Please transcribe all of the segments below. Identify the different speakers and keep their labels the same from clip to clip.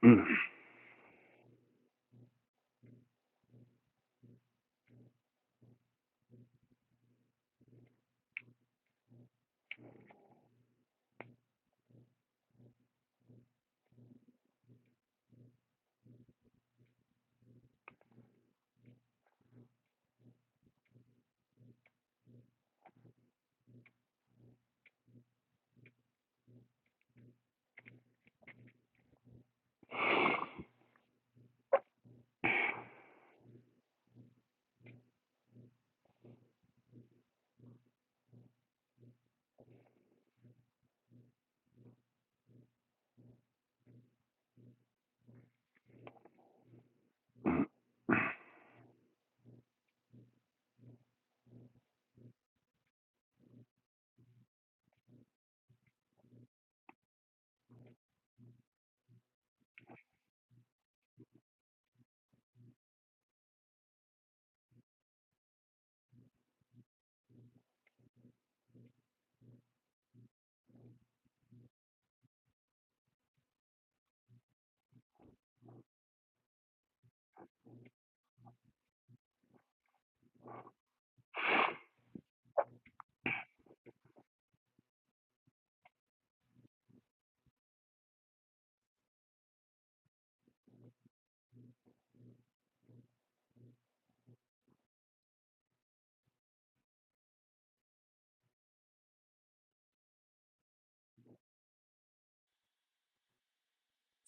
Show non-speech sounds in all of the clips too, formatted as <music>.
Speaker 1: <clears throat> Mm.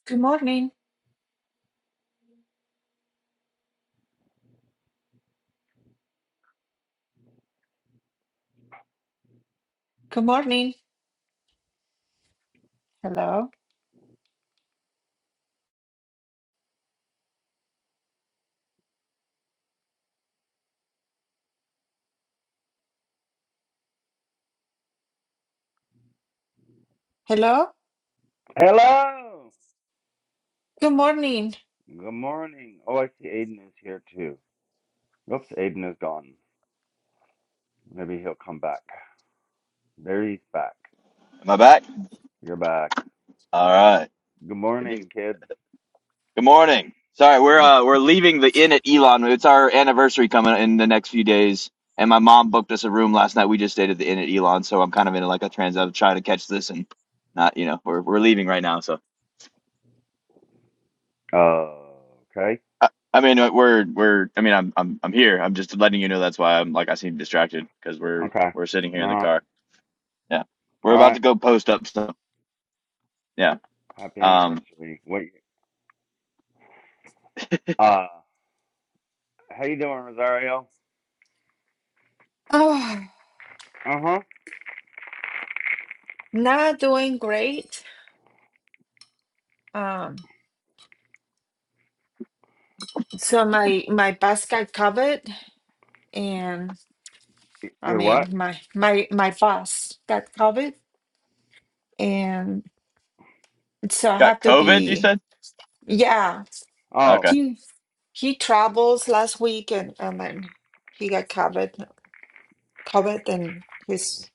Speaker 2: Good morning. Good morning. Hello. Hello.
Speaker 1: Hello.
Speaker 2: Good morning.
Speaker 1: Good morning. Oh, I see Aiden is here too. Oops, Aiden is gone. Maybe he'll come back. There he's back.
Speaker 3: Am I back?
Speaker 1: You're back.
Speaker 3: All right.
Speaker 1: Good
Speaker 3: Good news.
Speaker 1: morning, kids.
Speaker 3: Good morning. Sorry, we're
Speaker 1: Mm.
Speaker 3: uh, we're leaving the inn at Elon. It's our anniversary coming in the next few days, and my mom booked us a room last night. We just stayed at the inn at Elon, so I'm kind of in like a trans of trying to catch this and not, you know, we're we're leaving right now. So
Speaker 1: Oh, okay.
Speaker 3: I, I mean, uh, we're we're I mean, I'm I'm I'm here. I'm just letting you know that's why I'm like I seem distracted because we're
Speaker 1: Okay.
Speaker 3: we're sitting here
Speaker 1: Uh,
Speaker 3: in the
Speaker 1: all
Speaker 3: car. Yeah, we're about
Speaker 1: right.
Speaker 3: to go post up. stuff. yeah,
Speaker 1: Happy
Speaker 3: um,
Speaker 1: anniversary. What? Uh, how you doing, Rosario?
Speaker 2: Oh,
Speaker 1: Uh huh.
Speaker 2: not doing great. Um, so my my boss got COVID, and I
Speaker 1: You're what?
Speaker 2: mean my my my boss got COVID, and so I
Speaker 3: got
Speaker 2: have to
Speaker 3: COVID. You
Speaker 2: be
Speaker 3: said
Speaker 2: yeah.
Speaker 1: Oh.
Speaker 3: okay.
Speaker 2: He he travels last week, and and then he got COVID COVID, and his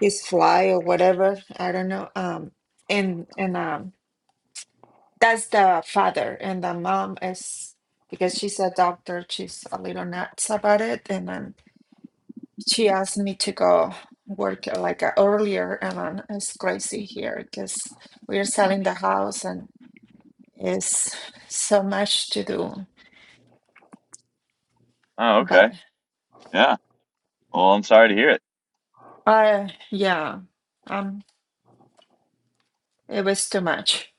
Speaker 2: his fly or whatever I don't know. Um, and and um. That's the father, and the mom is because she's a doctor, she's a little nuts about it. And then she asked me to go work uh, like uh, earlier, and then it's crazy here because we are selling the house and it's so much to do.
Speaker 3: Oh, okay.
Speaker 2: But
Speaker 3: Yeah. Well, I'm sorry to hear it.
Speaker 2: uh, yeah, um, it was too much.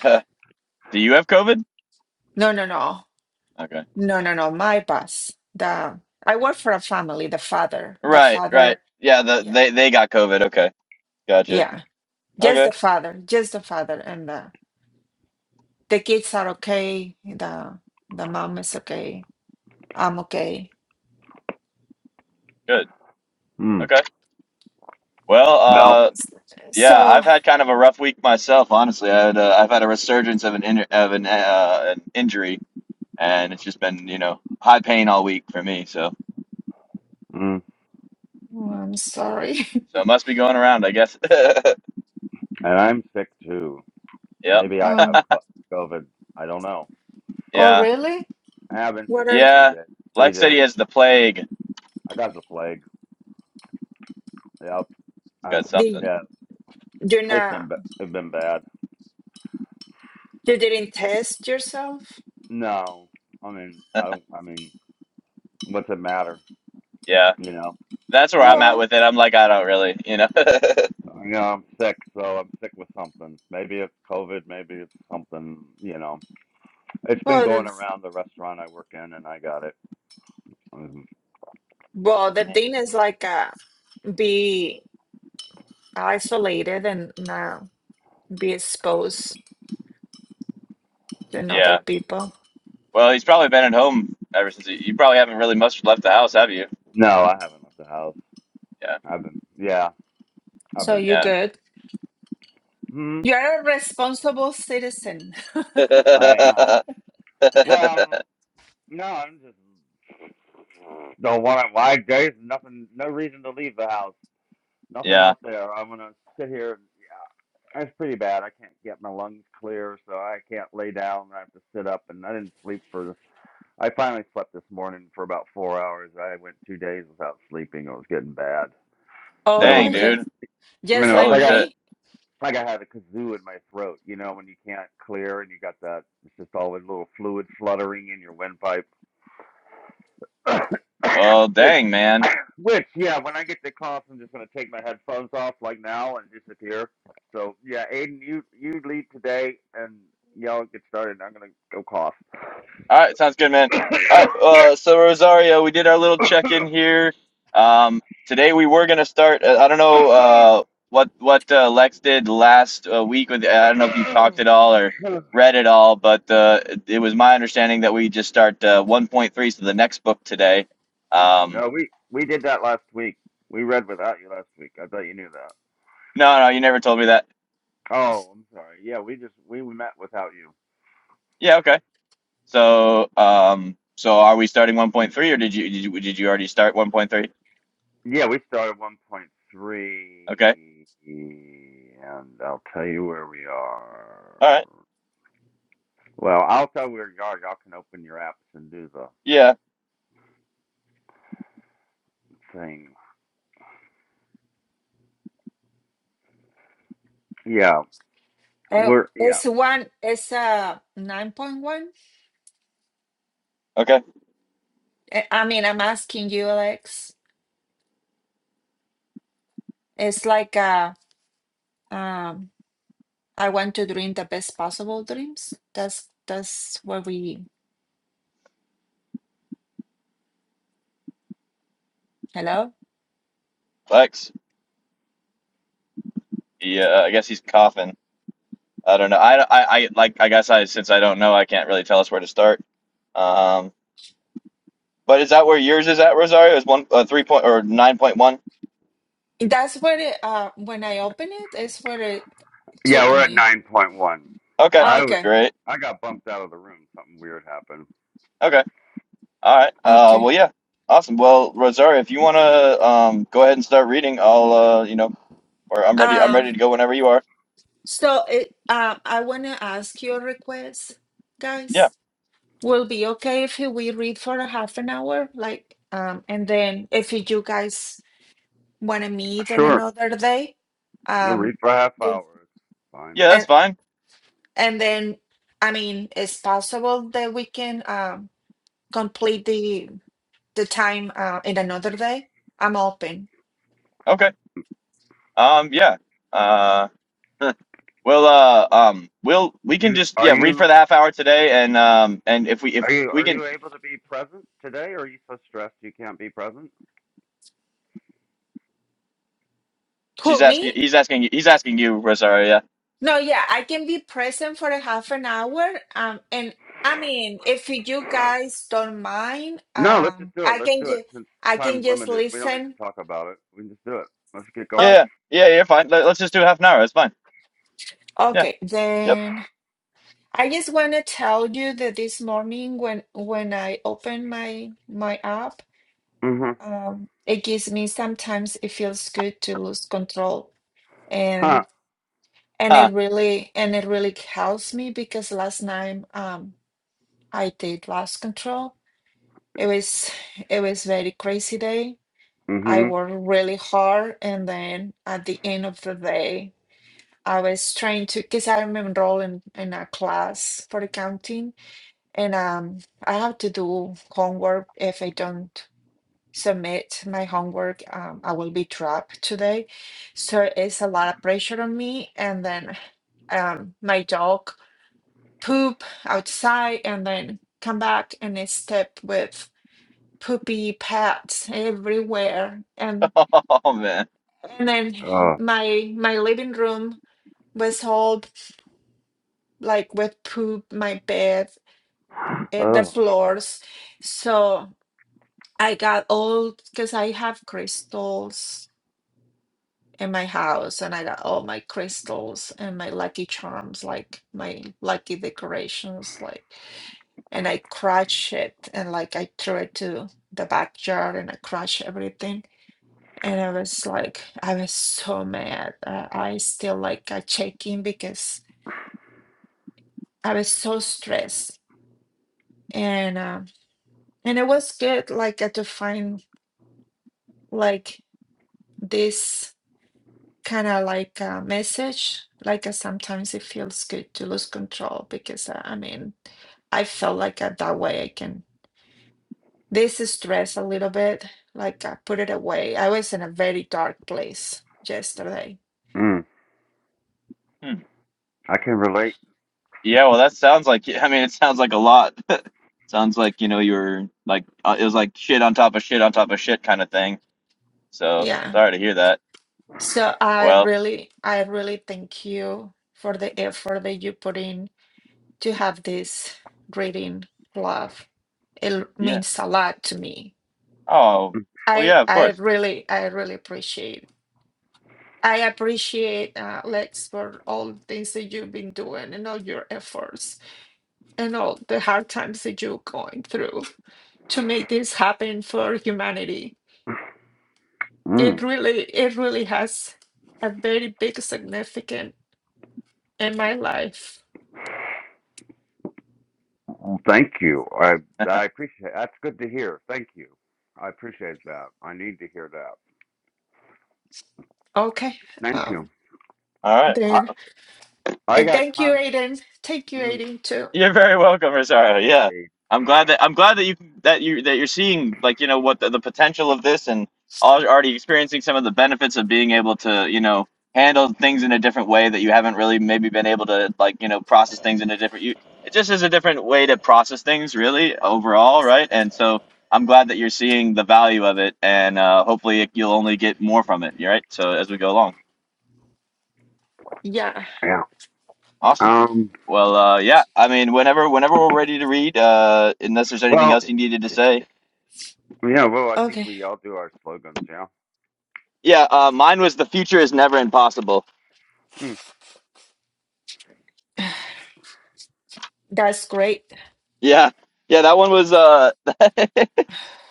Speaker 3: <laughs> Do you have COVID?
Speaker 2: No, no, no,
Speaker 3: Okay.
Speaker 2: no, no, no. My boss, the I work for a family, the father, the
Speaker 3: Right, right.
Speaker 2: father,
Speaker 3: Yeah, the,
Speaker 2: yeah.
Speaker 3: they they got COVID. Okay. Gotcha.
Speaker 2: Yeah. Just
Speaker 3: Okay.
Speaker 2: the father, just the father, and the the kids are okay. The the mom is okay. I'm okay.
Speaker 3: Good.
Speaker 1: Hmm.
Speaker 3: Okay. Well,
Speaker 1: Well.
Speaker 3: uh
Speaker 2: S-
Speaker 3: yeah,
Speaker 2: So
Speaker 3: I've had kind of a rough week myself, honestly. I had uh, I've had a resurgence of an in, of an uh, an injury and it's just been, you know, high pain all week for me, so
Speaker 1: Mm.
Speaker 2: oh, I'm sorry. <laughs>
Speaker 3: so it must be going around, I guess. <laughs>
Speaker 1: And I'm sick too.
Speaker 3: yep.
Speaker 1: Maybe I have
Speaker 2: Uh,
Speaker 1: co- COVID. I don't know.
Speaker 2: oh,
Speaker 3: Yeah.
Speaker 2: really?
Speaker 1: I have been sick
Speaker 2: What
Speaker 1: for
Speaker 2: are
Speaker 1: three
Speaker 3: Yeah.
Speaker 1: days. Three
Speaker 3: Like said he
Speaker 1: days.
Speaker 3: has the plague. He's
Speaker 1: I got the plague. Yep.
Speaker 3: got
Speaker 1: I've,
Speaker 2: the
Speaker 3: something.
Speaker 1: yeah.
Speaker 2: you're
Speaker 1: It's
Speaker 2: not
Speaker 1: been ba- it's been bad.
Speaker 2: you didn't test yourself?
Speaker 1: No, I mean I don't. I mean, what's it matter?
Speaker 3: Yeah.
Speaker 1: You know,
Speaker 3: That's where
Speaker 1: I
Speaker 3: I'm
Speaker 1: go.
Speaker 3: at
Speaker 2: Well,
Speaker 3: with it. I'm like I don't really, you know.
Speaker 1: You know, I'm sick, so I'm sick with something. Maybe it's COVID. Maybe it's something. You know, it's been
Speaker 2: well,
Speaker 1: going
Speaker 2: that's-
Speaker 1: around the restaurant I work in, and I got it. Um,
Speaker 2: well. The
Speaker 3: <laughs>
Speaker 2: thing is like uh, be isolated and not be exposed to another
Speaker 3: yeah.
Speaker 2: people.
Speaker 3: Well, he's probably been at home ever since. He, you probably haven't really much left the house, have you?
Speaker 1: no, I haven't left the house. I've been. Yeah, I've
Speaker 2: So
Speaker 1: been
Speaker 2: you
Speaker 3: Yeah,
Speaker 1: home.
Speaker 2: good.
Speaker 1: Hmm.
Speaker 2: You're a responsible citizen. <laughs>
Speaker 1: I am.
Speaker 3: yeah,
Speaker 1: Well,
Speaker 3: <laughs>
Speaker 1: no, I'm just don't want to. Why? There's nothing. No reason to leave the house. Nothing
Speaker 3: yeah.
Speaker 1: out there. I'm gonna sit here. yeah, it's pretty bad. I can't get my lungs clear, so I can't lay down. I have to sit up, and I didn't sleep for. I finally slept this morning for about four hours. I went two days without sleeping. It was getting bad, but it
Speaker 2: Oh
Speaker 1: was
Speaker 3: Dang,
Speaker 1: like
Speaker 2: yes.
Speaker 3: dude.
Speaker 1: you
Speaker 2: just
Speaker 1: know, it's
Speaker 2: like
Speaker 3: Holy
Speaker 1: like I
Speaker 3: shit.
Speaker 2: me.
Speaker 1: like I had a kazoo in my throat. You know, when you can't clear and you got that, it's just all a little fluid fluttering in your windpipe. <coughs>
Speaker 3: Oh,
Speaker 1: which,
Speaker 3: dang, man.
Speaker 1: which, yeah, when I get the class, I'm just gonna take my headphones off like now and disappear. So yeah, Aiden, you you lead today, and y'all get started. I'm gonna go cough.
Speaker 3: All right, sounds good, man. All right. Uh, so Rosario, we did our little check-in here. Um, today we were gonna start. Uh, I don't know uh,
Speaker 1: <coughs>
Speaker 3: what what uh, Lex did last uh, week with. I don't know if you talked at all or read it all, but uh, it, was my understanding that we just start uh, 1.3, so the next book today. Um,
Speaker 1: no, we we did that last week. We read without you last week. I thought you knew that.
Speaker 3: No, no, you never told me that.
Speaker 1: Oh, I'm sorry. Yeah, we just we met without you.
Speaker 3: Yeah, okay. So, um, so are we starting 1.3 or did you did you, did you already start 1.3?
Speaker 1: Yeah, we started
Speaker 3: Okay.
Speaker 1: 1.3, and I'll tell you where we
Speaker 3: All right.
Speaker 1: are. Well, I'll tell you where you are. Y'all can open your apps and do the
Speaker 3: Yeah.
Speaker 1: thing. Yeah,
Speaker 2: Uh,
Speaker 1: we're yeah
Speaker 2: it's one, it's a 9.1. Uh,
Speaker 3: Okay.
Speaker 2: I I mean, I'm asking you, Alex. It's like a, um, I want to dream the best possible dreams. That's that's where we, hello?
Speaker 3: Lex. Yeah, I guess he's coughing. I don't know. I, I, I like I guess I since I don't know, I can't really tell us where to start. Um, but is that where yours is at, Rosario? Is one uh, 3 point or 9.1?
Speaker 2: That's where it, uh, when I open it, it's where it
Speaker 1: yeah
Speaker 2: took
Speaker 1: we're at
Speaker 2: me.
Speaker 1: 9.1.
Speaker 3: Okay.
Speaker 2: Ah,
Speaker 1: I was
Speaker 2: Okay,
Speaker 3: Great.
Speaker 1: I got bumped out of the room. Something weird happened.
Speaker 3: Okay. All right. Uh,
Speaker 2: okay.
Speaker 3: well, yeah. Awesome. Well, Rosario, if you want to um, go ahead and start reading, I'll, uh, you know, or I'm ready. I'm
Speaker 2: Um,
Speaker 3: ready to go whenever you are.
Speaker 2: so it, um, I want to ask you a request, guys.
Speaker 3: Yeah.
Speaker 2: Will be okay if we read for a half an hour, like, um, and then if you guys want to meet in
Speaker 1: Sure,
Speaker 2: another day,
Speaker 1: we'll
Speaker 2: um,
Speaker 1: read for a half
Speaker 2: do-
Speaker 1: hour. It's fine.
Speaker 3: Yeah, that's
Speaker 2: and
Speaker 3: fine.
Speaker 2: and then, I mean, it's possible that we can um complete the the time uh in another day. I'm open.
Speaker 3: Okay. Um, yeah. Uh, <laughs> huh. well, uh, um, we'll we can
Speaker 1: You
Speaker 3: just
Speaker 1: are
Speaker 3: yeah read for
Speaker 1: you
Speaker 3: the half hour today, and um, and if we if
Speaker 1: are you
Speaker 3: we
Speaker 1: are
Speaker 3: can,
Speaker 1: you able to be present today? Or are you so stressed you can't be present?
Speaker 3: she's
Speaker 2: Who, me?
Speaker 3: asking, he's asking, he's asking you, Rosario. Yeah.
Speaker 2: No, yeah, I can be present for a half an hour. Um, and I mean, if you guys don't mind,
Speaker 1: No, let's just
Speaker 2: um,
Speaker 1: do it.
Speaker 2: I
Speaker 1: Let's
Speaker 2: can
Speaker 1: do it.
Speaker 2: just
Speaker 1: Since
Speaker 2: I can
Speaker 1: time's
Speaker 2: just
Speaker 1: limited, we don't need
Speaker 2: listen
Speaker 1: to talk about it. We can just do it. Let's get going.
Speaker 2: oh,
Speaker 3: Yeah. Yeah. yeah, You're fine. Let, let's just do half an hour. It's fine. Yeah.
Speaker 2: Okay,
Speaker 3: Yep.
Speaker 2: then I just want to tell you that this morning when when I open my my app,
Speaker 1: Mm-hmm.
Speaker 2: um, it gives me sometimes it feels good to lose control
Speaker 1: Huh.
Speaker 2: and and
Speaker 3: Huh.
Speaker 2: it really and it really helps me because last night um I did lose control. It was it was very crazy day. I
Speaker 1: Mm-hmm.
Speaker 2: worked really hard and then at the end of the day I was trying to because I'm enrolled in, in a class for accounting And um, I have to do homework. If I don't submit my homework, um, I will be trapped today. So it's a lot of pressure on me. And then um, my dog poop outside and then come back and it's step with poopy pads everywhere. And
Speaker 3: <laughs> Oh man.
Speaker 2: and then
Speaker 1: Oh.
Speaker 2: my my living room was all like with poop, my bed, and the
Speaker 1: Oh.
Speaker 2: floors. So. I got all because I have crystals in my house, and I got all my crystals and my lucky charms, like my lucky decorations, like, and I crushed it and like I threw it to the backyard and I crushed everything. And I was like, I was so mad. Uh, I still like I check because I was so stressed, and um, and it was good, like uh, to find like this. kind of like a message. Like uh, sometimes it feels good to lose control because uh, I mean, I felt like uh, that way I can this stress a little bit, like I put it away. I was in a very dark place yesterday.
Speaker 1: Mm.
Speaker 3: Hmm.
Speaker 1: I can relate.
Speaker 3: Yeah. Well, that sounds like. I mean, it sounds like a lot. Sounds like, you know, you were like, uh, it was like shit on top of shit on top of shit kind of thing. So
Speaker 2: Yeah.
Speaker 3: sorry to hear that.
Speaker 2: So I
Speaker 3: Well,
Speaker 2: really, I really thank you for the effort that you put in to have this reading club. It
Speaker 3: yeah.
Speaker 2: means a lot to me.
Speaker 3: Oh, well,
Speaker 2: I,
Speaker 3: yeah, of
Speaker 2: I
Speaker 3: course.
Speaker 2: really, I really appreciate I appreciate uh, Lex for all the things that you've been doing and all your efforts and all the hard times that you're going through to make this happen for humanity. It
Speaker 1: Mm.
Speaker 2: really, it really has a very big significance in my life.
Speaker 1: Thank you. I I appreciate. That's good to hear. Thank you. I appreciate that. I need to hear that.
Speaker 2: Okay,
Speaker 1: Thank you.
Speaker 2: um,
Speaker 3: All
Speaker 1: I
Speaker 3: right.
Speaker 2: then
Speaker 1: I
Speaker 2: and
Speaker 1: got
Speaker 2: thank you,
Speaker 1: con.
Speaker 2: Aiden. Thank you,
Speaker 1: Mm.
Speaker 2: Aiden, too.
Speaker 3: You're very welcome,
Speaker 1: Thank
Speaker 3: Rosario.
Speaker 1: you.
Speaker 3: Yeah,
Speaker 1: The aid.
Speaker 3: I'm glad that I'm glad that you that you that you're seeing like you know what the, the potential of this and al- already experiencing some of the benefits of being able to you know handle things in a different way that you haven't really maybe been able to like you know process things in a different you it just is a different way to process things really overall right and so I'm glad that you're seeing the value of it and uh, hopefully you'll only get more from it right so as we go along.
Speaker 2: Yeah.
Speaker 1: Yeah.
Speaker 3: Awesome.
Speaker 1: Um.
Speaker 3: Well, uh, yeah. I mean, whenever whenever we're ready to read, uh, unless there's anything
Speaker 1: Well.
Speaker 3: else you needed to say.
Speaker 1: Yeah. Well, I think
Speaker 2: Okay,
Speaker 1: we all do our slogans. Yeah.
Speaker 3: Yeah. Uh, mine was the future is never impossible.
Speaker 1: Mm.
Speaker 2: that's great. <laughs>
Speaker 3: Yeah. Yeah. That one was. Uh,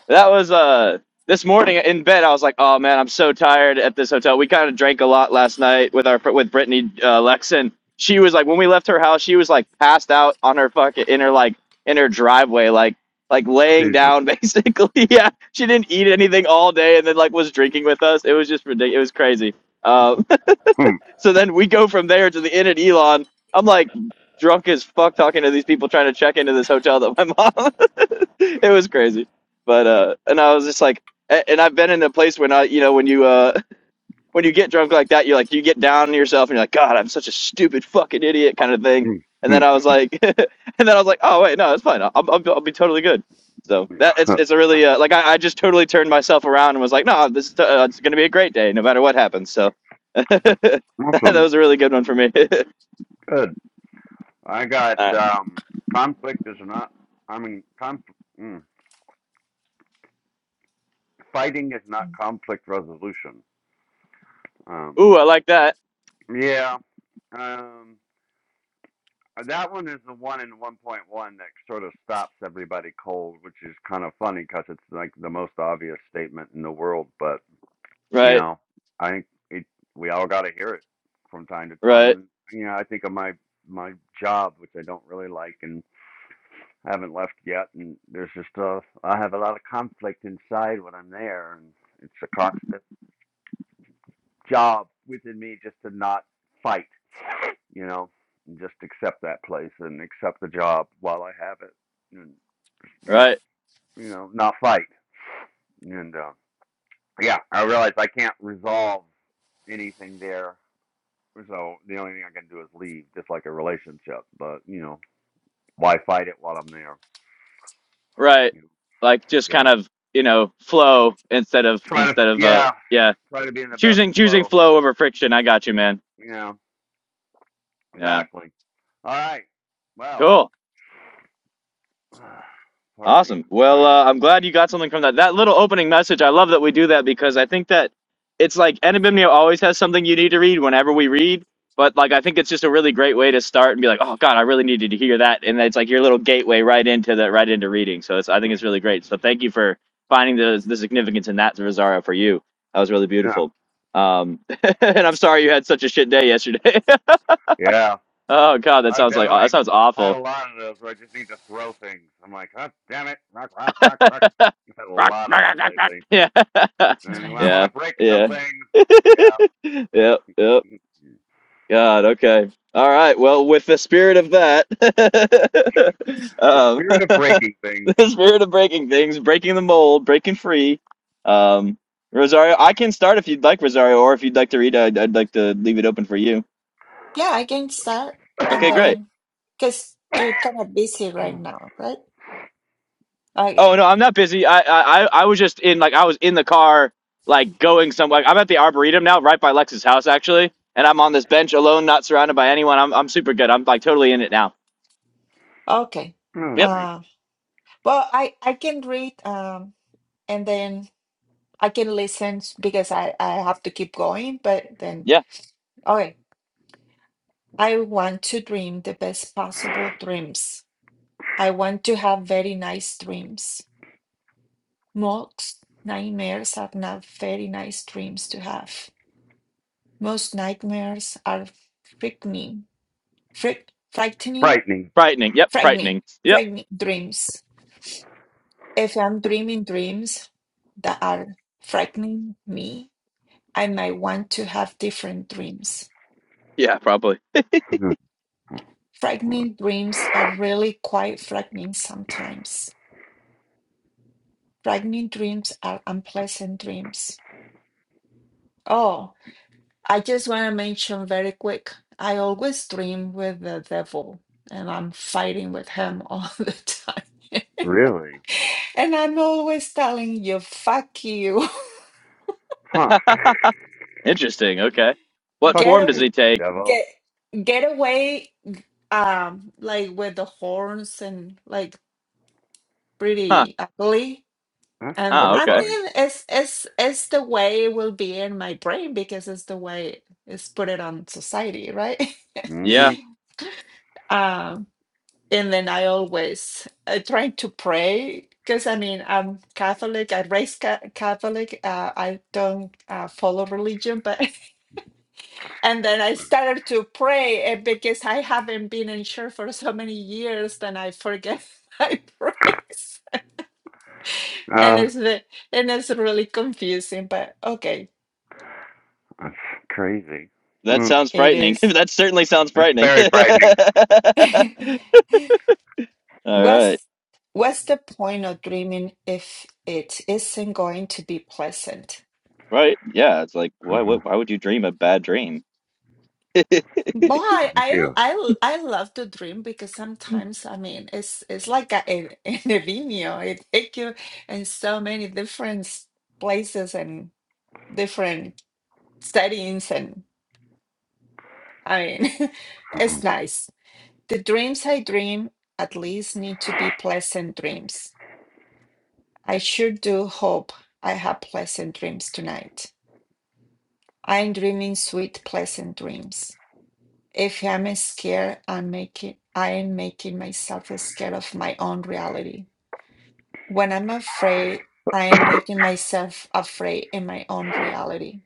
Speaker 3: That was uh this morning in bed. I was like, "Oh man, I'm so tired at this hotel." We kind of drank a lot last night with our with Brittany uh, Lexon. She was like, when we left her house, she was like passed out on her fucking in her like in her driveway, like like laying
Speaker 1: Jesus.
Speaker 3: down <laughs> basically. yeah, she didn't eat anything all day, and then like was drinking with us. It was just ridiculous. It was crazy. Uh, so then we go from there to the inn at Elon. I'm like drunk as fuck talking to these people trying to check into this hotel that my mom. <laughs> it was crazy, but uh, and I was just like, a- and I've been in a place when I, you know, when you uh, when you get drunk like that, you like you get down on yourself and you're like, God, I'm such a stupid fucking idiot kind of thing.
Speaker 1: Mm.
Speaker 3: And
Speaker 1: Mm.
Speaker 3: then I was like, <laughs> and then I was like, oh wait, no, it's fine. I'll, I'll, I'll be totally good. So that
Speaker 1: Mm.
Speaker 3: it's it's a really uh, like I, I just totally turned myself around and was like, no, this is, uh, it's gonna be a great day no matter what happens. So <laughs> that
Speaker 1: Awesome.
Speaker 3: was a really good one for me.
Speaker 1: Good. I
Speaker 3: <laughs>
Speaker 1: got
Speaker 3: uh,
Speaker 1: um, conflict is not. I mean, conf- mm, fighting is not conflict resolution. Um,
Speaker 3: ooh, I like that.
Speaker 1: yeah. Um, that one is the one in 1.1 that sort of stops everybody cold, which is kind of funny because it's like the most obvious statement in the world. But you
Speaker 3: Right,
Speaker 1: know, I think it, we all got to hear it from time to time.
Speaker 3: right,
Speaker 1: And you know, I think of my my job, which I don't really like, and I haven't left yet, and there's just a I have a lot of conflict inside when I'm there, and it's a constant job within me just to not fight, you know, and just accept that place and accept the job while I have it, and you know,
Speaker 3: right,
Speaker 1: you know, not fight, and uh, yeah, I realize I can't resolve anything there, so the only thing I can do is leave, just like a relationship, but you know, why fight it while I'm there?
Speaker 3: right.
Speaker 1: You know?
Speaker 3: Like just kind
Speaker 1: Yeah,
Speaker 3: of you know flow instead of
Speaker 1: try to
Speaker 3: instead of uh
Speaker 1: yeah,
Speaker 3: yeah
Speaker 1: try to be in the best
Speaker 3: choosing choosing
Speaker 1: flow.
Speaker 3: flow over friction. I got you, man.
Speaker 1: Yeah,
Speaker 3: Yeah.
Speaker 1: exactly. All right. Well,
Speaker 3: Cool.
Speaker 1: <sighs> pardon me. I'm
Speaker 3: Awesome. Well,
Speaker 1: sorry.
Speaker 3: uh, I'm glad you got something from that. That little opening message, I love that we do that because I think that it's like Enabimnio always has something you need to read whenever we read. But like, I think it's just a really great way to start and be like, oh God, I really needed to hear that. And it's like your little gateway right into the right into reading. So it's, I think it's really great. So thank you for finding the the significance in that, Rosario for you. That was really beautiful.
Speaker 1: Yeah.
Speaker 3: Um, <laughs> and I'm sorry you had such a shit day yesterday.
Speaker 1: Yeah.
Speaker 3: <laughs> oh God, that
Speaker 1: I've
Speaker 3: sounds like that
Speaker 1: definitely
Speaker 3: sounds awful.
Speaker 1: had a lot of those where I just need to throw things. I'm like, oh, damn it. Rock, rock, rock, rock. I've had a
Speaker 3: <laughs> Rock,
Speaker 1: lot of
Speaker 3: rock, rock,
Speaker 1: that
Speaker 3: rock,
Speaker 1: lately.
Speaker 3: Yeah,
Speaker 1: And
Speaker 3: <laughs>
Speaker 1: when I want
Speaker 3: yeah,
Speaker 1: to break
Speaker 3: yeah.
Speaker 1: something, yeah.
Speaker 3: <laughs> Yep, yep.
Speaker 1: <laughs>
Speaker 3: God, okay. All right. Well, with the spirit of that, <laughs>
Speaker 1: The
Speaker 3: um, <laughs>
Speaker 1: spirit of breaking things.
Speaker 3: the spirit of breaking things, breaking the mold, breaking free. Um, Rosario, I can start if you'd like, Rosario, or if you'd like to read, I'd, I'd like to leave it open for you.
Speaker 2: Yeah, I can start
Speaker 1: <coughs>
Speaker 2: and
Speaker 3: Okay,
Speaker 1: oh,
Speaker 3: great.
Speaker 2: then because you're kind of busy right now, right?
Speaker 3: Oh no, I'm not busy. I I I I was just in like I was in the car, like going somewhere. Like, I'm at the arboretum now, right by Lex's house actually, and I'm on this bench alone, not surrounded by anyone. I'm I'm super good. I'm like totally in it now.
Speaker 2: Okay.
Speaker 3: Yep.
Speaker 1: nice.
Speaker 2: Uh, well, I I can read um and then I can listen s- because I I have to keep going, but then
Speaker 3: Yeah.
Speaker 2: okay. I want to dream the best possible dreams. I want to have very nice dreams. Most nightmares are not very nice dreams to have. Most nightmares are frightening, fright, frightening,
Speaker 1: Frightening.
Speaker 3: Frightening. Yep.
Speaker 2: frightening,
Speaker 3: Frightening. Yep.
Speaker 2: frightening dreams. If I'm dreaming dreams that are frightening me, I might want to have different dreams.
Speaker 3: Yeah. Probably.
Speaker 1: <laughs> Hmm.
Speaker 2: Frightening dreams are really quite frightening sometimes. Frightening dreams are unpleasant dreams. Oh, I just want to mention very quick I always dream with the devil, and I'm fighting with him all <laughs> the time.
Speaker 1: really?
Speaker 2: <laughs> and I'm always telling you, fuck you.
Speaker 1: Huh.
Speaker 3: <laughs> Interesting. Okay.
Speaker 1: <laughs>
Speaker 2: <laughs>
Speaker 3: What
Speaker 1: Fuck
Speaker 2: Get
Speaker 3: form does
Speaker 2: away.
Speaker 1: you,
Speaker 3: he take?
Speaker 1: devil.
Speaker 2: Get get away um like with the horns and like
Speaker 3: Huh.
Speaker 2: pretty ugly
Speaker 1: That's
Speaker 2: and
Speaker 3: Ah.
Speaker 2: i
Speaker 3: Okay.
Speaker 1: horrifying.
Speaker 2: mean it's it's it's the way it will be in my brain because it's the way it's put it on society right
Speaker 1: Mm-hmm.
Speaker 3: Yeah.
Speaker 2: <laughs> um and then i always uh, try to pray because i mean i'm catholic i raised ca- catholic uh, i don't uh, follow religion but <laughs> and then I started to pray and because I haven't been in church for so many years, then I forget <laughs> my prayers,
Speaker 1: Uh,
Speaker 2: and it's the, and it's really confusing. But okay,
Speaker 1: That's crazy.
Speaker 3: That
Speaker 1: Mm,
Speaker 3: sounds
Speaker 2: it
Speaker 3: frightening. <laughs>
Speaker 2: is.
Speaker 3: that certainly sounds
Speaker 1: that's
Speaker 3: frightening. <laughs>
Speaker 1: very frightening.
Speaker 2: <laughs>
Speaker 3: All right.
Speaker 2: what's What's the point of dreaming if it isn't going to be pleasant?
Speaker 3: Right. Yeah. It's like why? Why
Speaker 1: Uh-huh.
Speaker 3: why would you dream a bad dream? <laughs>
Speaker 2: Well, I,
Speaker 1: Thank
Speaker 2: I
Speaker 1: you.
Speaker 2: I I love to dream because sometimes I mean it's it's like a, an an <laughs> a vino. It take you in so many different places and. different settings and I mean <laughs> it's nice. The dreams I dream at least need to be pleasant dreams. I sure do hope I have pleasant dreams tonight. I'm dreaming sweet pleasant dreams. If I'm scared, I'm making I am making myself scared of my own reality. When I'm afraid, I am making myself afraid in my own reality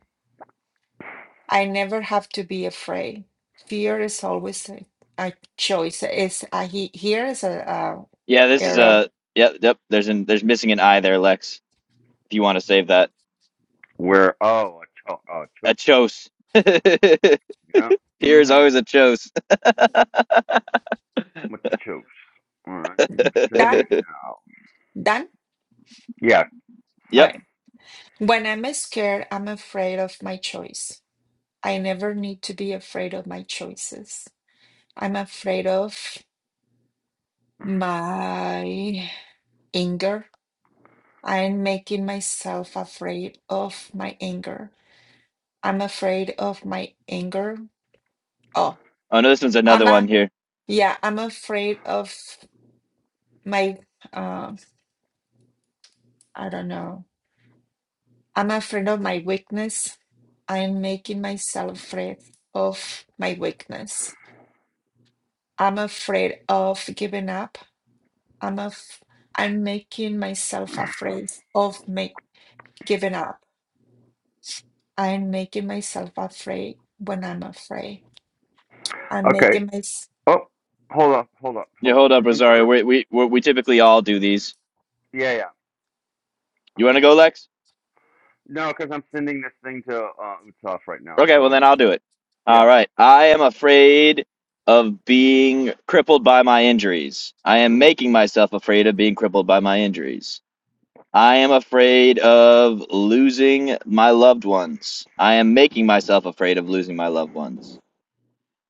Speaker 2: I never have to be afraid. Fear is always a, a choice. Is a, he, here is a, a
Speaker 3: Yeah, this is
Speaker 2: error.
Speaker 3: a yep, yep. There's an there's missing an eye there, Lex. If you want to save that,
Speaker 1: Where, oh, a cho- oh,
Speaker 3: a
Speaker 1: troops.
Speaker 3: chose. <laughs> here
Speaker 1: Yeah.
Speaker 3: is
Speaker 1: Mm-hmm.
Speaker 3: always a chose.
Speaker 1: With the troops. All right. Sending
Speaker 3: <laughs>
Speaker 2: Done,
Speaker 1: it now.
Speaker 2: done.
Speaker 1: Yeah.
Speaker 2: All
Speaker 3: yep.
Speaker 2: right. When I'm scared, I'm afraid of my choice. I never need to be afraid of my choices. I'm afraid of my anger. I'm making myself afraid of my anger. I'm afraid of my anger. Oh,
Speaker 3: Oh no, this one's
Speaker 2: I'm
Speaker 3: another one
Speaker 2: a,
Speaker 3: here.
Speaker 2: yeah, I'm afraid of. my uh, I don't know. I'm afraid of my weakness. I'm making myself afraid of my weakness. I'm afraid of giving up. I'm af- I'm making myself afraid of make giving up. I'm making myself afraid when I'm afraid. I'm
Speaker 1: Okay.
Speaker 2: making my
Speaker 1: Oh, hold up, hold up,
Speaker 3: Yeah,
Speaker 1: hold up.
Speaker 3: hold up, Rosario.
Speaker 1: Remember?
Speaker 3: We we we we typically all do these.
Speaker 1: Yeah, yeah.
Speaker 3: You want
Speaker 1: Um,
Speaker 3: to go, Lex?
Speaker 1: no, because I'm sending this thing to uh, Utsav right now.
Speaker 3: Okay, well
Speaker 1: So,
Speaker 3: then I'll do it. All
Speaker 1: yeah.
Speaker 3: right. I am afraid of being crippled by my injuries. I am
Speaker 1: Ooh.
Speaker 3: making myself afraid of being crippled by my injuries. I am afraid of losing my loved ones. I am making myself afraid of losing my loved ones.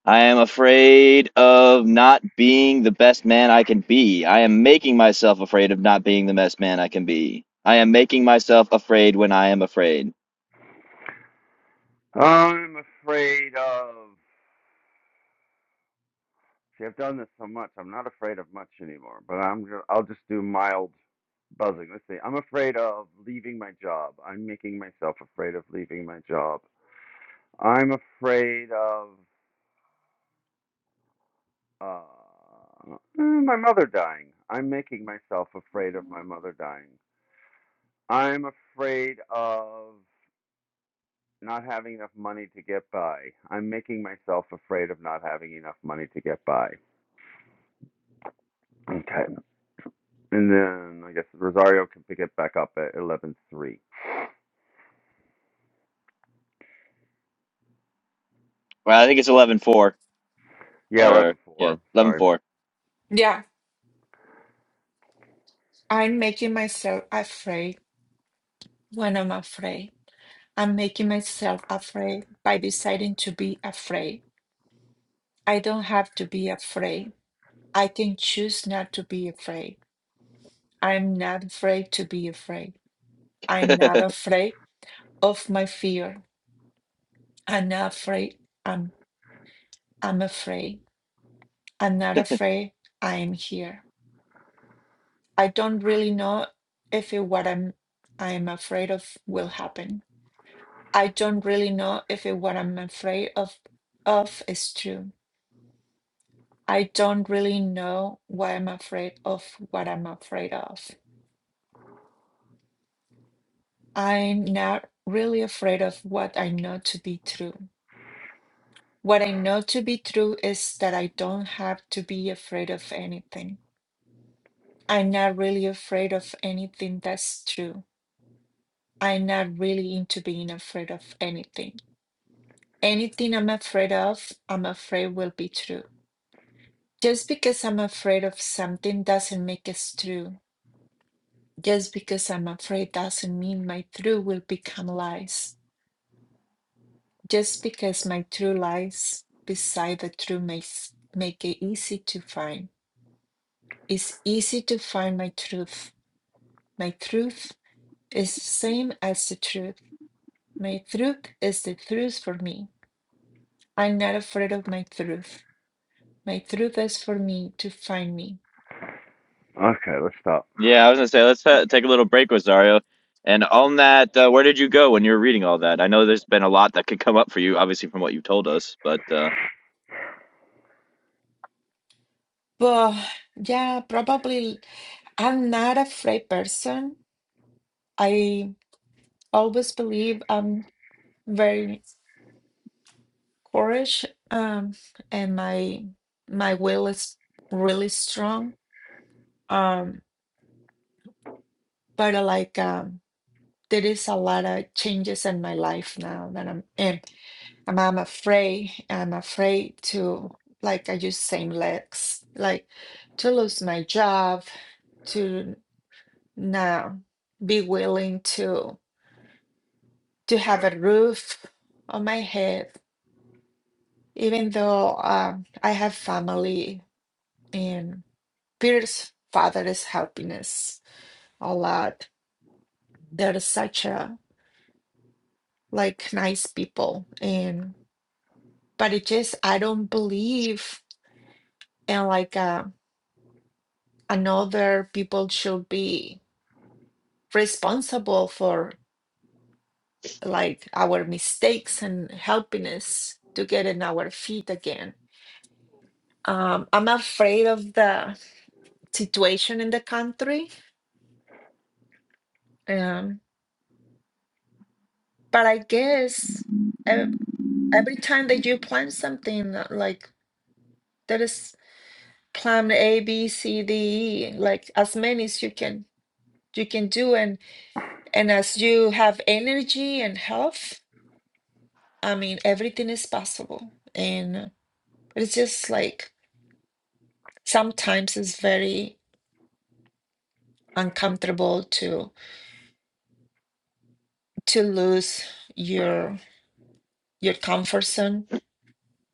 Speaker 3: I am afraid of not being the best man I can be. I am making myself afraid of not being the best man I can be. I am making myself afraid when I am afraid.
Speaker 1: I'm afraid of. See, I've done this so much, I'm not afraid of much anymore. But I'm ju- I'll just do mild buzzing. Let's see. I'm afraid of leaving my job. I'm making myself afraid of leaving my job. I'm afraid of uh, mm, my mother dying. I'm making myself afraid of my mother dying. I'm afraid of not having enough money to get by. I'm making myself afraid of not having enough money to get by. Okay. And then I guess Rosario can pick it back up at 11.3.
Speaker 3: Well, I think it's eleven four.
Speaker 1: Yeah,
Speaker 3: or yeah,
Speaker 1: 11.4.
Speaker 3: eleven
Speaker 1: Sorry.
Speaker 3: four.
Speaker 2: yeah. I'm making myself afraid when I'm afraid. I'm making myself afraid by deciding to be afraid. I don't have to be afraid. I can choose not to be afraid. I'm not afraid to be afraid. I'm not afraid of my fear. I'm not afraid. I'm I'm afraid. I'm not
Speaker 3: <laughs>
Speaker 2: afraid. I am here. I don't really know if it, what I'm I am afraid of will happen. I don't really know if it, what I'm afraid of of is true. I don't really know why I'm afraid of what I'm afraid of. I'm not really afraid of what I know to be true. What I know to be true is that I don't have to be afraid of anything. I'm not really afraid of anything that's true. I'm not really into being afraid of anything. Anything I'm afraid of, I'm afraid will be true. Just because I'm afraid of something doesn't make it true. Just because I'm afraid doesn't mean my true will become lies. Just because my true lies beside the true makes make it easy to find. It's easy to find my truth. My truth is the same as the truth. My truth is the truth for me. I'm not afraid of my truth. My truth is for me to find me.
Speaker 1: Okay, let's stop.
Speaker 3: Yeah, I was gonna say let's uh, take a little break, Rosario. And on that, uh, where did you go when you were reading all that? I know there's been a lot that could come up for you, obviously from what you told us, but uh,
Speaker 2: Well, yeah, probably I'm not a afraid person. I always believe I'm very courage um and my my will is really strong um but uh, like um there is a lot of changes in my life now that I'm in I'm, I'm afraid I'm afraid to like I use same legs like to lose my job to now be willing to to have a roof on my head even though um I have family Peter's father's happiness a lot. They're such a like nice people, and but it just I don't believe in like uh, another people should be responsible for like our mistakes and helping us to get in our feet again. Um, I'm afraid of the situation in the country, um, but I guess ev- every time that you plan something uh, like there is. plan A, B, C, D, E, like as many as you can you can do and and as you have energy and health, I mean everything is possible. And it's just like sometimes it's very uncomfortable to to lose your your comfort zone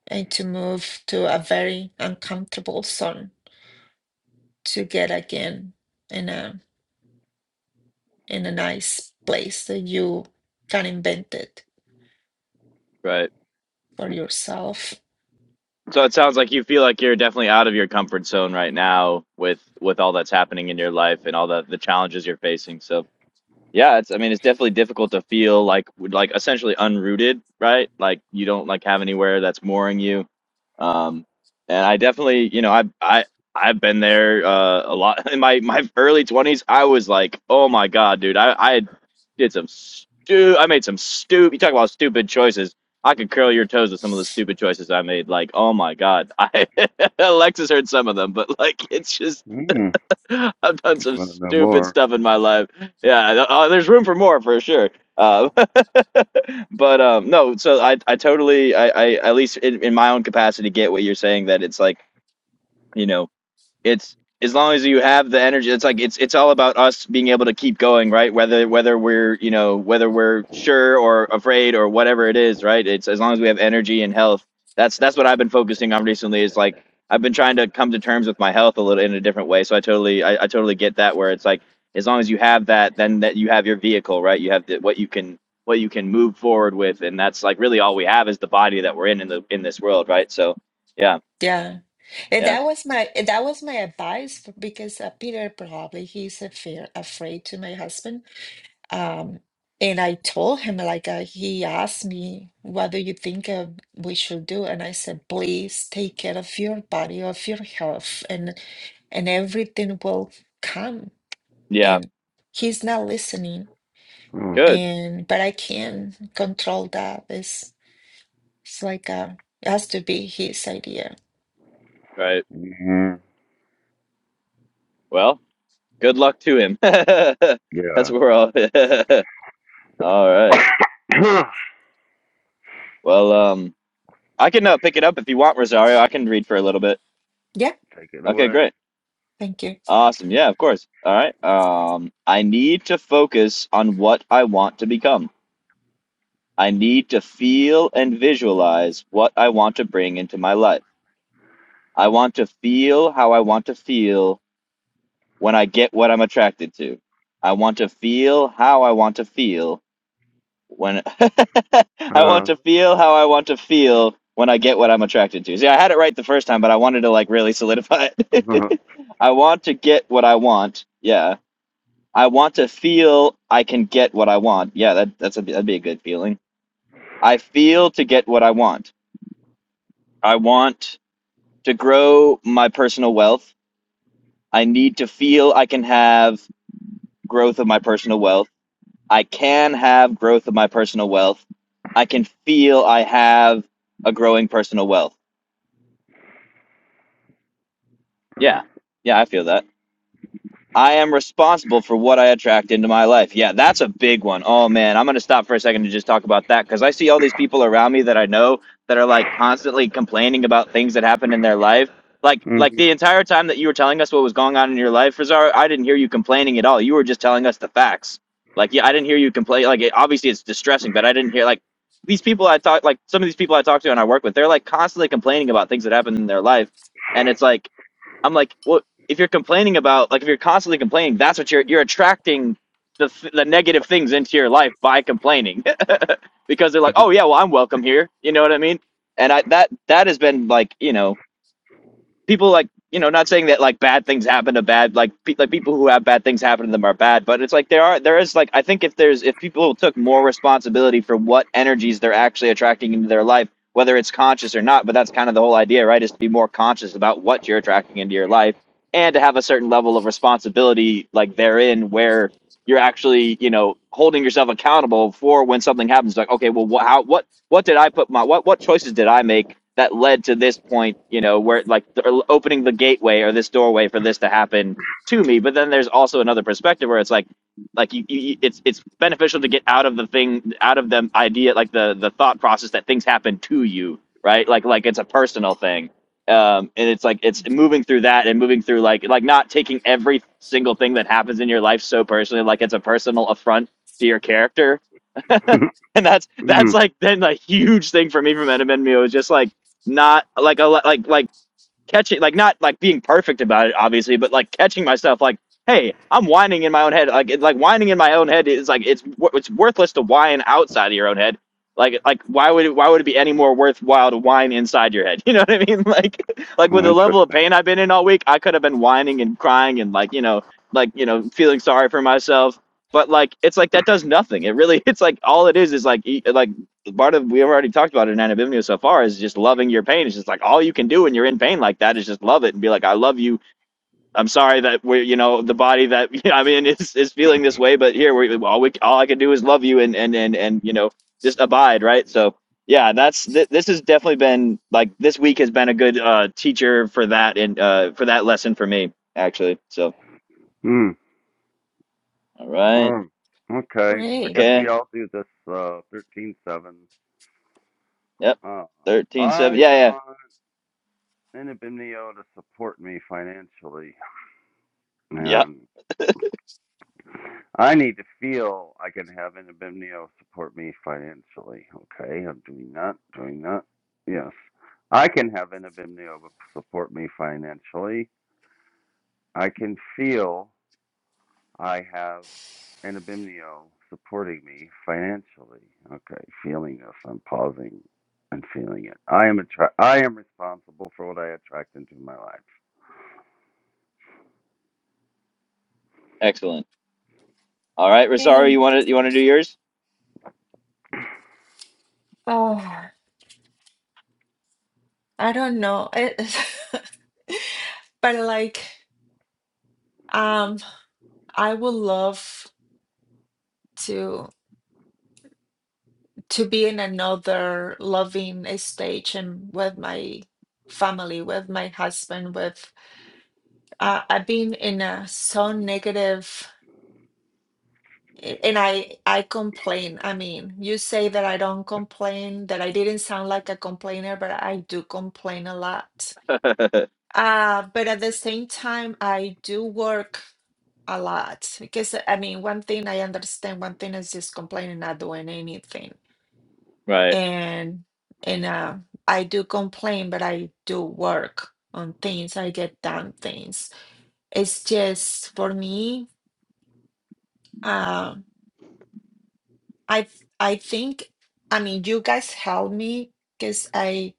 Speaker 2: and to move to a very uncomfortable zone to get again in a in a nice place that you can invent it
Speaker 3: right.
Speaker 2: for yourself.
Speaker 3: So it sounds like you feel like you're definitely out of your comfort zone right now with with all that's happening in your life and all the the challenges you're facing. So Yeah, it's I mean it's definitely difficult to feel like like essentially unrooted, right? Like you don't like have anywhere that's mooring you. Um and I definitely, you know, I I I've been there uh a lot <laughs> in my my early 20s. I was like, "Oh my God, dude. I I did some stu I made some stupid you talk about stupid choices. I could curl your toes with some of the stupid choices I made. Like, "Oh my God. <laughs> I Alexis heard some of them, but like it's just
Speaker 1: Mm,
Speaker 3: <laughs> I've done
Speaker 1: you
Speaker 3: some
Speaker 1: want to know
Speaker 3: stupid
Speaker 1: more?
Speaker 3: stuff in my life. Yeah, uh, there's room for more for sure. Uh, <laughs> but um, no, so I I totally I, I at least in, in my own capacity get what you're saying that it's like you know it's as long as you have the energy it's like it's it's all about us being able to keep going right whether whether we're you know whether we're sure or afraid or whatever it is right it's as long as we have energy and health that's that's what i've been focusing on recently is like i've been trying to come to terms with my health a little in a different way so i totally i, I totally get that where it's like as long as you have that then that you have your vehicle right you have the, what you can what you can move forward with and that's like really all we have is the body that we're in in the in this world right so yeah
Speaker 2: Yeah. And
Speaker 3: yeah
Speaker 2: that was my that was my advice for, because uh, Peter probably he's a fear afraid to my husband. Um, and I told him like uh, he asked me, "What do you think uh, we should do?" And I said, "Please take care of your body, of your health, and and everything will come."
Speaker 3: yeah
Speaker 2: And he's not listening.
Speaker 1: Oh,
Speaker 3: good
Speaker 2: And but I can't control that. It's it's like uh, it has to be his idea.
Speaker 3: right
Speaker 1: mhm,
Speaker 3: Well, good luck to him. <laughs> That's
Speaker 1: Yeah.
Speaker 3: where all. <laughs> all right.
Speaker 1: <coughs>
Speaker 3: Well, um, I can uh, pick it up if you want, Rosario. I can read for a little bit.
Speaker 2: Yeah,
Speaker 1: Take it
Speaker 3: Okay,
Speaker 1: away.
Speaker 3: great.
Speaker 2: thank you.
Speaker 3: Awesome. Yeah, of course. All right. Um, I need to focus on what I want to become. I need to feel and visualize what I want to bring into my life. I want to feel how I want to feel when I get what I'm attracted to. I want to feel how I want to feel when <laughs> I want
Speaker 1: Uh,
Speaker 3: to feel how I want to feel when I get what I'm attracted to. See, I had it right the first time, but I wanted to like really solidify
Speaker 1: <laughs>
Speaker 3: it. <laughs> I want to get what I want. Yeah. I want to feel I can get what I want. Yeah, that that's a that'd be a good feeling. I feel to get what I want. I want to grow my personal wealth. I need to feel I can have growth of my personal wealth. I can have growth of my personal wealth. I can feel I have a growing personal wealth. Yeah. Yeah, I feel that. I am responsible for what I attract into my life. Yeah, that's a big one. Oh man, I'm going to stop for a second to just talk about that because I see all these people around me that I know that are like constantly complaining about things that happened in their life. Like, like
Speaker 1: mhm,
Speaker 3: the entire time that you were telling us what was going on in your life, Rizar, I didn't hear you complaining at all. You were just telling us the facts. Like, yeah, I didn't hear you complain. Like, it, obviously it's distressing, but I didn't hear like these people I talk, like some of these people I talk to and I work with, they're like constantly complaining about things that happened in their life, and it's like I'm like, well, if you're complaining about like if you're constantly complaining that's what you're you're attracting the the negative things into your life by complaining <laughs> because they're like
Speaker 1: <laughs>
Speaker 3: oh yeah well i'm welcome here you know what i mean and i that that has been like you know people like you know not saying that like bad things happen to bad like pe- like people who have bad things happen to them are bad but it's like there are there is like i think if there's if people took more responsibility for what energies they're actually attracting into their life whether it's conscious or not but that's kind of the whole idea right is to be more conscious about what you're attracting into your life and to have a certain level of responsibility like therein where you're actually you know holding yourself accountable for when something happens like okay well wh- how what what did I put my what what choices did I make that led to this point? You know, where like the, opening the gateway or this doorway for this to happen to me. But then there's also another perspective where it's like, like you, you you- it's it's beneficial to get out of the thing, out of the idea, like the the thought process that things happen to you, right? Like like it's a personal thing. Um, and it's like it's moving through that and moving through like like not taking every single thing that happens in your life so personally, like it's a personal affront to your character <laughs> and that's that's like been a huge thing for me from Edmund Mio is just like not like a like like catching like not like being perfect about it obviously but like catching myself like hey i'm whining in my own head like it, like whining in my own head is like it's wor- it's worthless to whine outside of your own head like like why would it, why would it be any more worthwhile to whine inside your head <laughs> you know what i mean <laughs> like like with
Speaker 1: oh,
Speaker 3: the level of
Speaker 1: interesting.
Speaker 3: pain i've been in all week i could have been whining and crying and like you know like you know feeling sorry for myself but like it's like that does nothing it really <laughs> it's like all it is is like e- like part of we've already talked about it in anabimnio so far is just loving your pain it's just like all you can do when you're in pain like that is just love it and be like i love you i'm sorry that we're you know the body that <laughs> you know, i mean is is feeling this way but here we all we all i can do is love you and and and, and you know just abide right so yeah that's th- this has definitely been like this week has been a good uh teacher for that and uh for that lesson for me actually so
Speaker 1: Mm,
Speaker 3: all right
Speaker 1: mm. Okay, I
Speaker 2: Great.
Speaker 1: guess we
Speaker 3: okay
Speaker 1: all do this uh, 13.7.
Speaker 3: yep
Speaker 1: Uh,
Speaker 3: 13 7,
Speaker 1: I
Speaker 3: yeah yeah
Speaker 1: want Inabimnio to support me financially.
Speaker 3: yep,
Speaker 1: And I need to feel I can have Anabimnio support me financially. Okay, I'm doing that, doing that. Yes. I can have Anabimnio support me financially. I can feel I have Anabimnio supporting me financially. Okay, feeling this. I'm pausing and feeling it. I am attra- I am responsible for what I attract into my life.
Speaker 3: excellent all right rosario
Speaker 2: Yay.
Speaker 3: you want to you want to do yours
Speaker 2: Oh, I don't know. It, <laughs> but like, um, I would love to to be in another loving stage and with my family, with my husband, with uh, I've been in a so negative a- and I I complain. I mean, you say that I don't complain, that I didn't sound like a complainer, but I do complain a lot.
Speaker 3: <laughs>
Speaker 2: Uh, but at the same time, I do work a lot because uh, I mean, one thing I understand, one thing is just complaining, not doing anything,
Speaker 3: Right.
Speaker 2: and and uh, I do complain, but I do work on things. I get done things. It's just for me. Um, I I think I mean you guys help me because I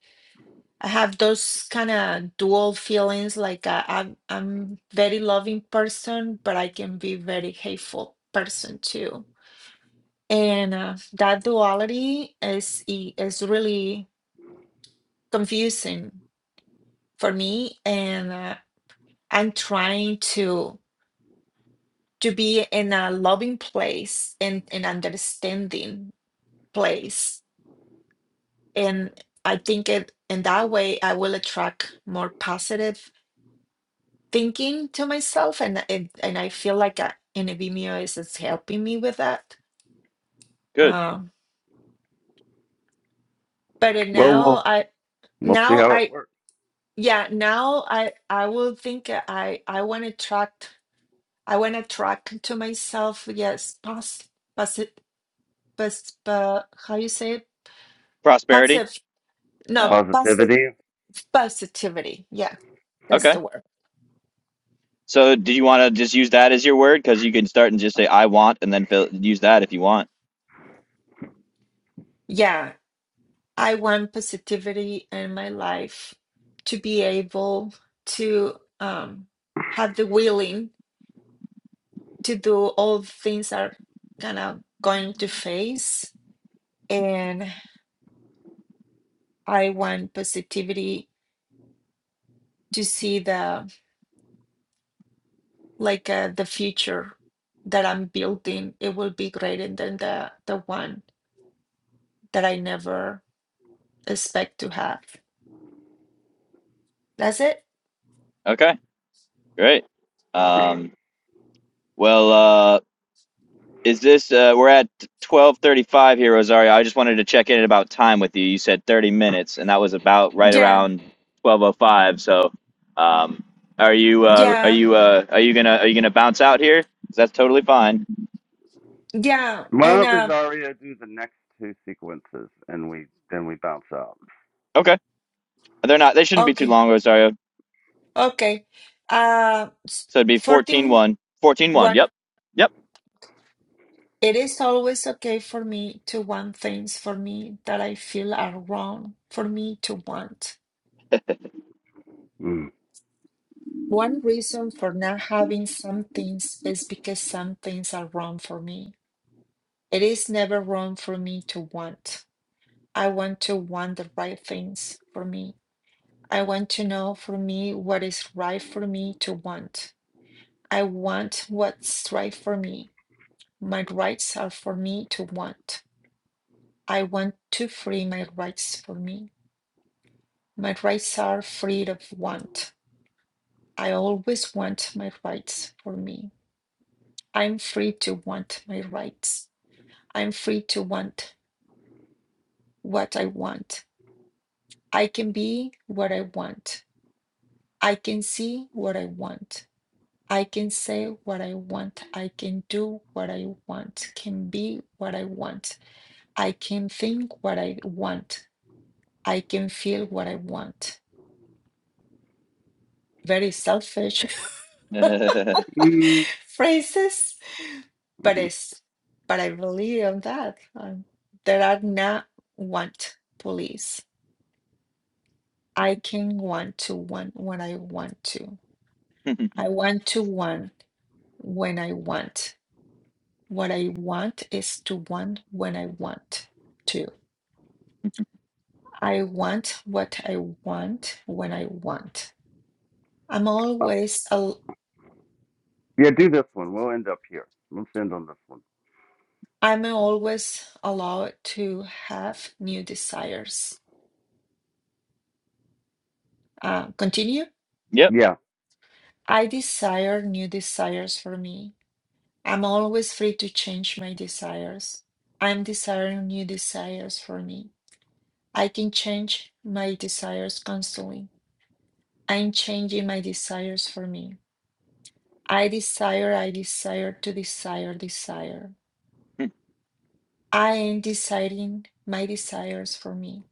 Speaker 2: I have those kind of dual feelings. Like uh, I'm I'm very loving person, but I can be very hateful person too And uh, that duality is i- is really confusing for me, and uh, I'm trying to to be in a loving place and an understanding place. And I think it in that way I will attract more positive thinking to myself, and and, and I feel like uh, in Vimeo is is helping me with that.
Speaker 3: Good.
Speaker 2: Um, but uh,
Speaker 1: Well,
Speaker 2: now
Speaker 1: we'll,
Speaker 2: I
Speaker 1: we'll see
Speaker 2: now
Speaker 1: how it
Speaker 2: I
Speaker 1: works.
Speaker 2: Yeah, now I I will think uh, I I want to track I want to track to myself. Yes, pass passive pass uh, how you say it?
Speaker 3: Prosperity.
Speaker 2: Passive no
Speaker 3: Oh,
Speaker 2: passive
Speaker 1: Positivity.
Speaker 2: positivity. Yeah, that's
Speaker 3: okay.
Speaker 2: the word.
Speaker 3: So, do you want to just use that as your word? Because you can start and just say "I want" and then fill, use that if you want.
Speaker 2: Yeah, I want positivity in my life to be able to um have the willing to do all things are gonna going to face and I want positivity to see the like uh, the future that I'm building. It will be greater than the the one that I never expect to have. That's it.
Speaker 3: Okay. Great. Um, well, uh, is this? Uh, we're at twelve thirty-five here, Rosario. I just wanted to check in about time with you. You said thirty minutes, and that was about right
Speaker 2: Yeah,
Speaker 3: around twelve oh five. So, um, are you? Uh, are
Speaker 2: yeah,
Speaker 3: you? Uh, are you gonna? Are you gonna bounce out here? 'Cause That's totally fine.
Speaker 2: yeah.
Speaker 1: Why
Speaker 2: And
Speaker 1: don't
Speaker 2: um,
Speaker 1: Rosario, do the next two sequences, and we then we bounce out.
Speaker 3: Okay. They're not. They shouldn't be too
Speaker 2: okay,
Speaker 3: long, Rosario.
Speaker 2: okay. Uh, s-
Speaker 3: So it'd be 14
Speaker 2: fourteen
Speaker 3: 1. fourteen one.
Speaker 2: one.
Speaker 3: Yep.
Speaker 2: It is always okay for me to want things for me that I feel are wrong for me to want.
Speaker 1: Mm.
Speaker 2: One reason for not having some things is because some things are wrong for me It is never wrong for me to want. I want to want the right things for me. I want to know for me what is right for me to want. I want what's right for me. My rights are for me to want. I want to free my rights for me. My rights are free of want. I always want my rights for me. I'm free to want my rights. I'm free to want what I want. I can be what I want. I can see what I want. I can say what I want. I can do what I want. Can be what I want. I can think what I want. I can feel what I want. Very selfish <laughs>
Speaker 3: Yep.
Speaker 1: Mm.
Speaker 2: phrases, but
Speaker 1: hmm
Speaker 2: it's but I believe on that. Um, there are not want police. I can want to want when I want to.
Speaker 3: <laughs>
Speaker 2: I want to want when I want. What I want is to want when I want to. I want what I want when I want. I'm
Speaker 1: Uh,
Speaker 2: always al-
Speaker 1: yeah, do this one. We'll end up here. Let's end on this one.
Speaker 2: I'm always allowed to have new desires. Uh, continue.
Speaker 3: yep.
Speaker 1: Yeah.
Speaker 2: I desire new desires for me. I'm always free to change my desires. I'm desiring new desires for me. I can change my desires constantly. I'm changing my desires for me. I desire, I desire to desire, desire. I am deciding my desires for me.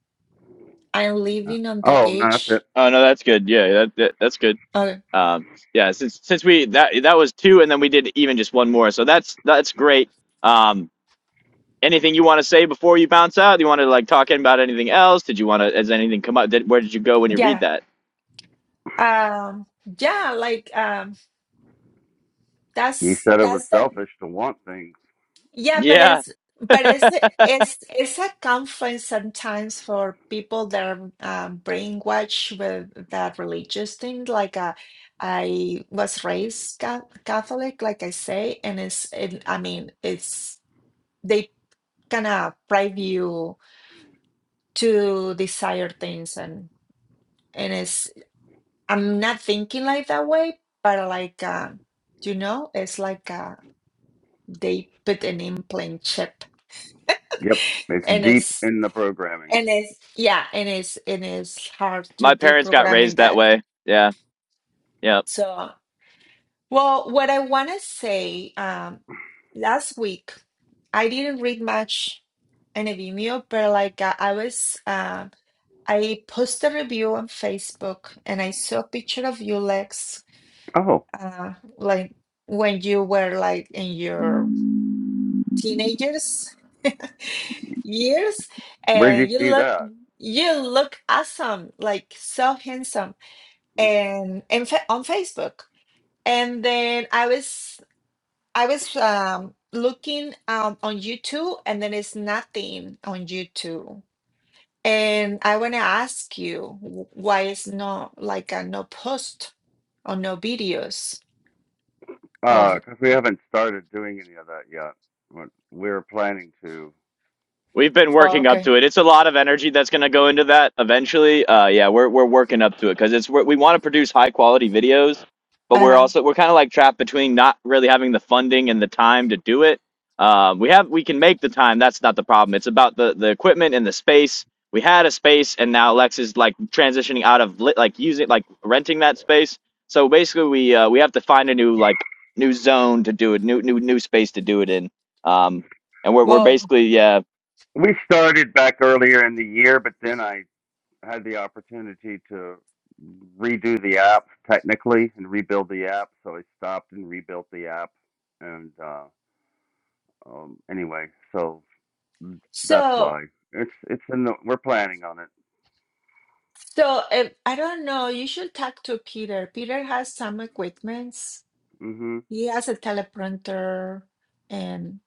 Speaker 2: I'm
Speaker 1: yeah.
Speaker 2: living on the
Speaker 1: Oh, no, that's it.
Speaker 2: edge.
Speaker 3: Oh, no, that's good. Yeah, that, that that's good.
Speaker 2: Oh,
Speaker 3: Um, yeah, since since we that that was two, and then we did even just one more, so that's that's great. Um, anything you want to say before you bounce out? Do you want to like talk about anything else? Did you want to? Has anything come up? Did, where did you go when you read
Speaker 2: yeah.
Speaker 3: that?
Speaker 2: Um, yeah, like um,
Speaker 1: He
Speaker 2: that's
Speaker 1: said it was
Speaker 2: that's the
Speaker 1: selfish to want things.
Speaker 2: yeah, but
Speaker 3: Yeah,
Speaker 2: it's but it's it's it's a conflict sometimes for people that are um, brainwashed with that religious thing. Like uh, I was raised Ca- Catholic, like I say, and it's it, I mean it's. they. kind of drive you to desire things and and it's i'm not thinking like that way but like uh, you know it's like uh, they put an implant chip
Speaker 1: Yep,
Speaker 2: <laughs>
Speaker 1: it's
Speaker 2: and
Speaker 1: deep
Speaker 2: it's
Speaker 1: in the programming.
Speaker 2: and it's yeah and it's and it's hard to
Speaker 3: my parents got
Speaker 2: deprogramming
Speaker 3: raised that
Speaker 2: that
Speaker 3: way. Yeah, yeah.
Speaker 2: so well what i want to say um last week i didn't read much in a vimeo but like uh, i was uh, I posted a review on Facebook and I saw a picture of you, Lex,
Speaker 1: Oh,
Speaker 2: uh, like when you were like in your teenagers <laughs> years,
Speaker 1: where'd you
Speaker 2: and you
Speaker 1: see
Speaker 2: look
Speaker 1: that?
Speaker 2: you look awesome, like so handsome,
Speaker 1: Mm.
Speaker 2: and, and fa on Facebook. And then I was I was um, looking um, on YouTube, and then it's nothing on YouTube. And I want to ask you w- why it's not like a no post or no videos of
Speaker 1: Uh,
Speaker 2: it.
Speaker 1: 'cause we haven't started doing any of that yet. What We're planning to.
Speaker 3: We've been
Speaker 2: Oh,
Speaker 3: working up
Speaker 2: okay.
Speaker 3: to it. It's a lot of energy that's going to go into that eventually. Uh, yeah, we're we're working up to it because it's we're, we want to produce high quality videos, but we're
Speaker 2: Uh-huh.
Speaker 3: also we're kind of like trapped between not really having the funding and the time to do it. Um, we have we can make the time. That's not the problem. It's about the the equipment and the space. We had a space, and now Lex is like transitioning out of lit, like using like renting that space. So basically, we uh, we have to find a new like new zone to do it, new new new space to do it in. Um, and we're we're
Speaker 2: Well,
Speaker 3: basically yeah
Speaker 1: We started back earlier in the year, but then I had the opportunity to redo the app technically and rebuild the app. So I stopped and rebuilt the app. And uh, um, anyway, so mm, that's
Speaker 2: so
Speaker 1: why it's it's in the we're planning on it.
Speaker 2: so if, I don't know. You should talk to Peter. Peter has some equipments.
Speaker 1: hmm
Speaker 2: He has a teleprompter, and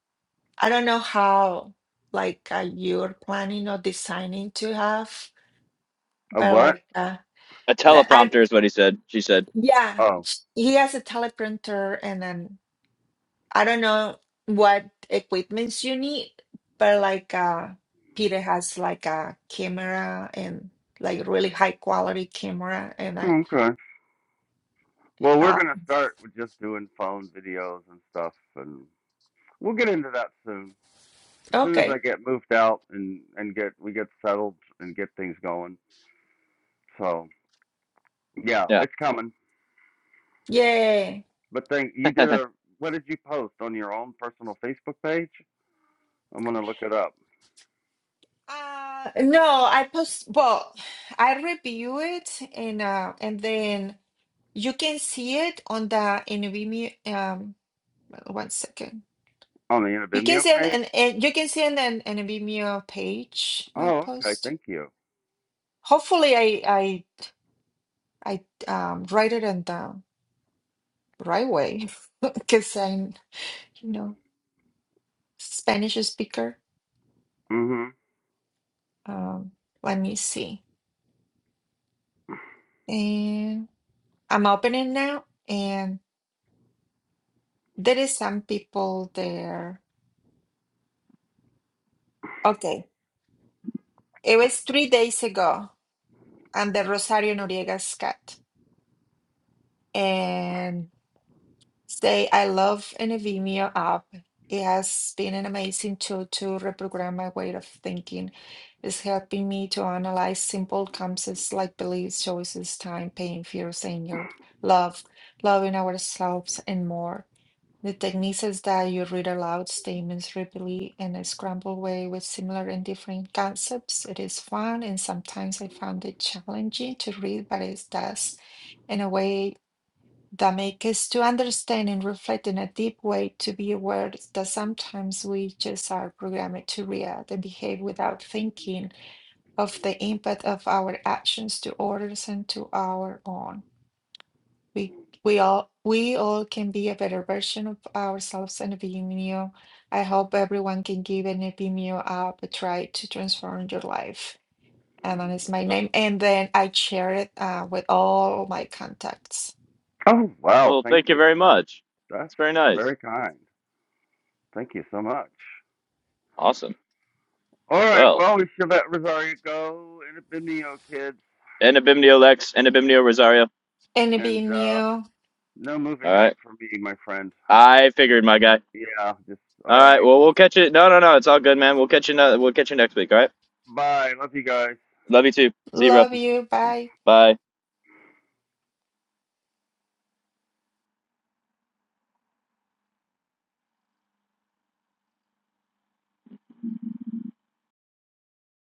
Speaker 2: I don't know how like uh, you're planning or designing to have,
Speaker 1: A
Speaker 2: but
Speaker 1: what?
Speaker 2: like uh,
Speaker 3: A
Speaker 2: the-
Speaker 3: teleprompter
Speaker 2: I
Speaker 3: is what he said. She said,
Speaker 2: yeah,
Speaker 1: Oh,
Speaker 2: sh- he has a teleprompter and then I don't know what equipments you need, but like uh Peter has like a camera and like really high quality camera and I
Speaker 1: okay. Well, we're
Speaker 2: uh
Speaker 1: gonna start with just doing phone videos and stuff, and we'll get into that soon. As soon as I
Speaker 2: okay.
Speaker 1: get moved out and and get we get settled and get things going. So yeah,
Speaker 3: yeah.
Speaker 1: it's coming.
Speaker 2: yeah.
Speaker 1: But thank you did
Speaker 3: <laughs>
Speaker 1: a what did you post on your own personal Facebook page? I'm gonna look it up
Speaker 2: Uh no, I post well, I review it and uh and then you can see it on the NVMe um one second.
Speaker 1: on the
Speaker 2: You can
Speaker 1: Intervimeo
Speaker 2: see an,
Speaker 1: page.
Speaker 2: an, an you can see an, an NVMe page, my
Speaker 1: Oh, okay.
Speaker 2: post.
Speaker 1: Thank you.
Speaker 2: Hopefully I I um, write it in the right way <laughs> because I'm, you know, Spanish speaker.
Speaker 1: hmm
Speaker 2: Um, let me see. And I'm opening now, and there is some people there. Okay, it was three days ago, and the Rosario Noriega's cat, and Say, I love in a Vimeo app. It has been an amazing tool to reprogram my way of thinking. It's helping me to analyze simple concepts like beliefs, choices, time, pain, fears, anger, love, loving ourselves, and more. The technique is that you read aloud statements rapidly in a scrambled way with similar and different concepts. It is fun, and sometimes I found it challenging to read, but it does in a way that make us to understand and reflect in a deep way to be aware that sometimes we just are programmed to react and behave without thinking of the impact of our actions to others and to our own. We we all we all can be a better version of ourselves and Vimeo. I hope everyone can give an Vimeo up a try to transform your life. And that is my
Speaker 3: Uh,
Speaker 2: name. And then I share it uh, with all my contacts.
Speaker 1: Oh wow,
Speaker 3: well,
Speaker 1: thank
Speaker 3: thank you
Speaker 1: you.
Speaker 3: very much.
Speaker 1: That's
Speaker 3: It's very nice.
Speaker 1: very kind. Thank you so much.
Speaker 3: Awesome.
Speaker 1: All right.
Speaker 3: Well,
Speaker 1: Well, we should let Rosario go. Intervimeo kids,
Speaker 3: and Abimnio Lex and Abimnio Rosario.
Speaker 2: And
Speaker 1: and uh,
Speaker 2: Vimeo.
Speaker 1: no movie
Speaker 3: All
Speaker 1: night
Speaker 3: right.
Speaker 1: for me, my friend.
Speaker 3: I figured, my guy.
Speaker 1: Yeah. Just
Speaker 3: All
Speaker 1: all
Speaker 3: right.
Speaker 1: right.
Speaker 3: Well, we'll catch you. No, no, no. It's all good, man. We'll catch you. No, we'll catch you next week. All right.
Speaker 1: Bye. Love you guys.
Speaker 3: Love you too. See you, bro.
Speaker 2: Love you.
Speaker 1: <laughs>
Speaker 2: Bye.
Speaker 3: Bye.